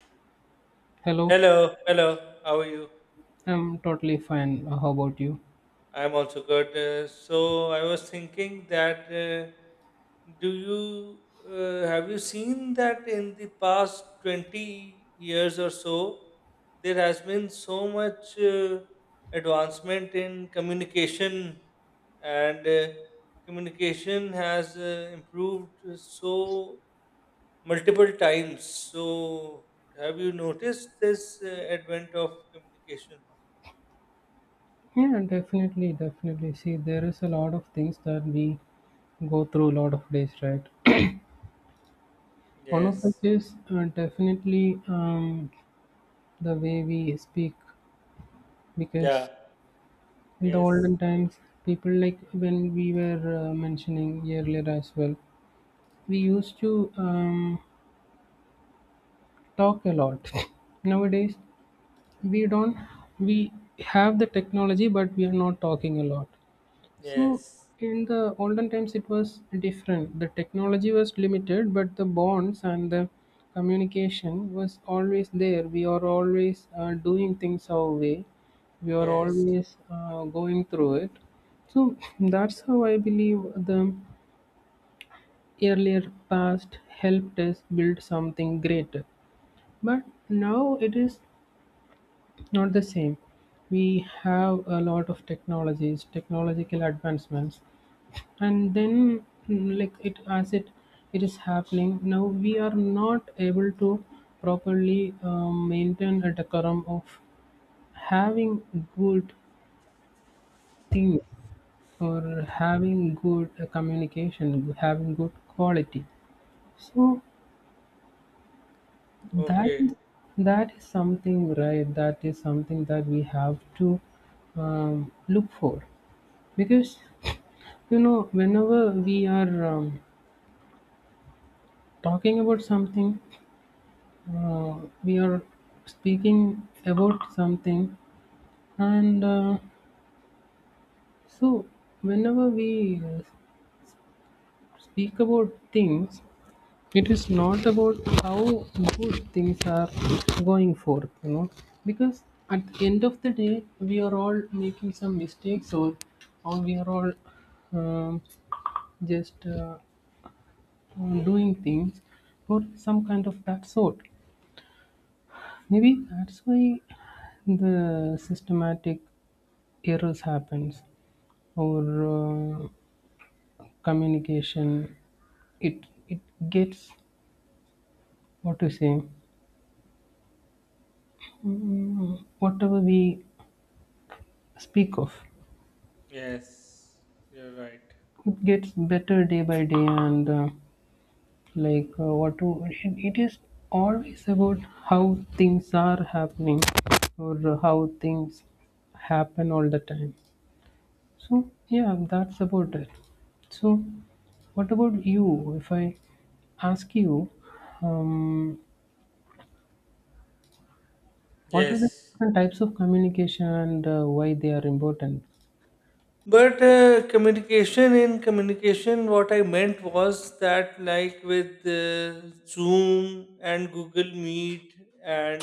Hello, Hello, hello. How are you? I'm totally fine. How about you? I'm also good. So I was thinking that do you have you seen that in the past 20 years or so there has been so much advancement in communication and communication has improved so multiple times. So have you noticed this advent of communication? Yeah, definitely, definitely. See, there is a lot of things that we go through a lot of days, right? One of which Yes. is definitely, the way we speak, because Yeah. in the Yes. olden times, people like when we were mentioning earlier as well, we used to talk a lot. Nowadays, we don't, we have the technology, but we are not talking a lot. So Yes. in the olden times, it was different. The technology was limited, but the bonds and the communication was always there. We are always doing things our way. We are Yes. always going through it. So that's how I believe the earlier past helped us build something greater. But now it is not the same. We have a lot of technologies, technological advancements, and then like it as it it is happening now we are not able to properly maintain a decorum of having good things or having good communication, having good quality. So that Okay. is, that is something, that is something that we have to look for, because whenever we are talking about something, we are speaking about something, and so whenever we speak about things, it is not about how good things are going forth, because at the end of the day we are all making some mistakes, or we are all um, just doing things for some kind of that sort. Maybe that's why the systematic errors happens, or uh, communication, it gets, what to say, whatever we speak of, Yes. You're right. it gets better day by day. And it is always about how things are happening, or how things happen all the time. So yeah, that's about it. So what about you, if I ask you, um, what are the Yes. different types of communication, and why they are important? But communication in communication, what I meant was that, like with Zoom and Google Meet and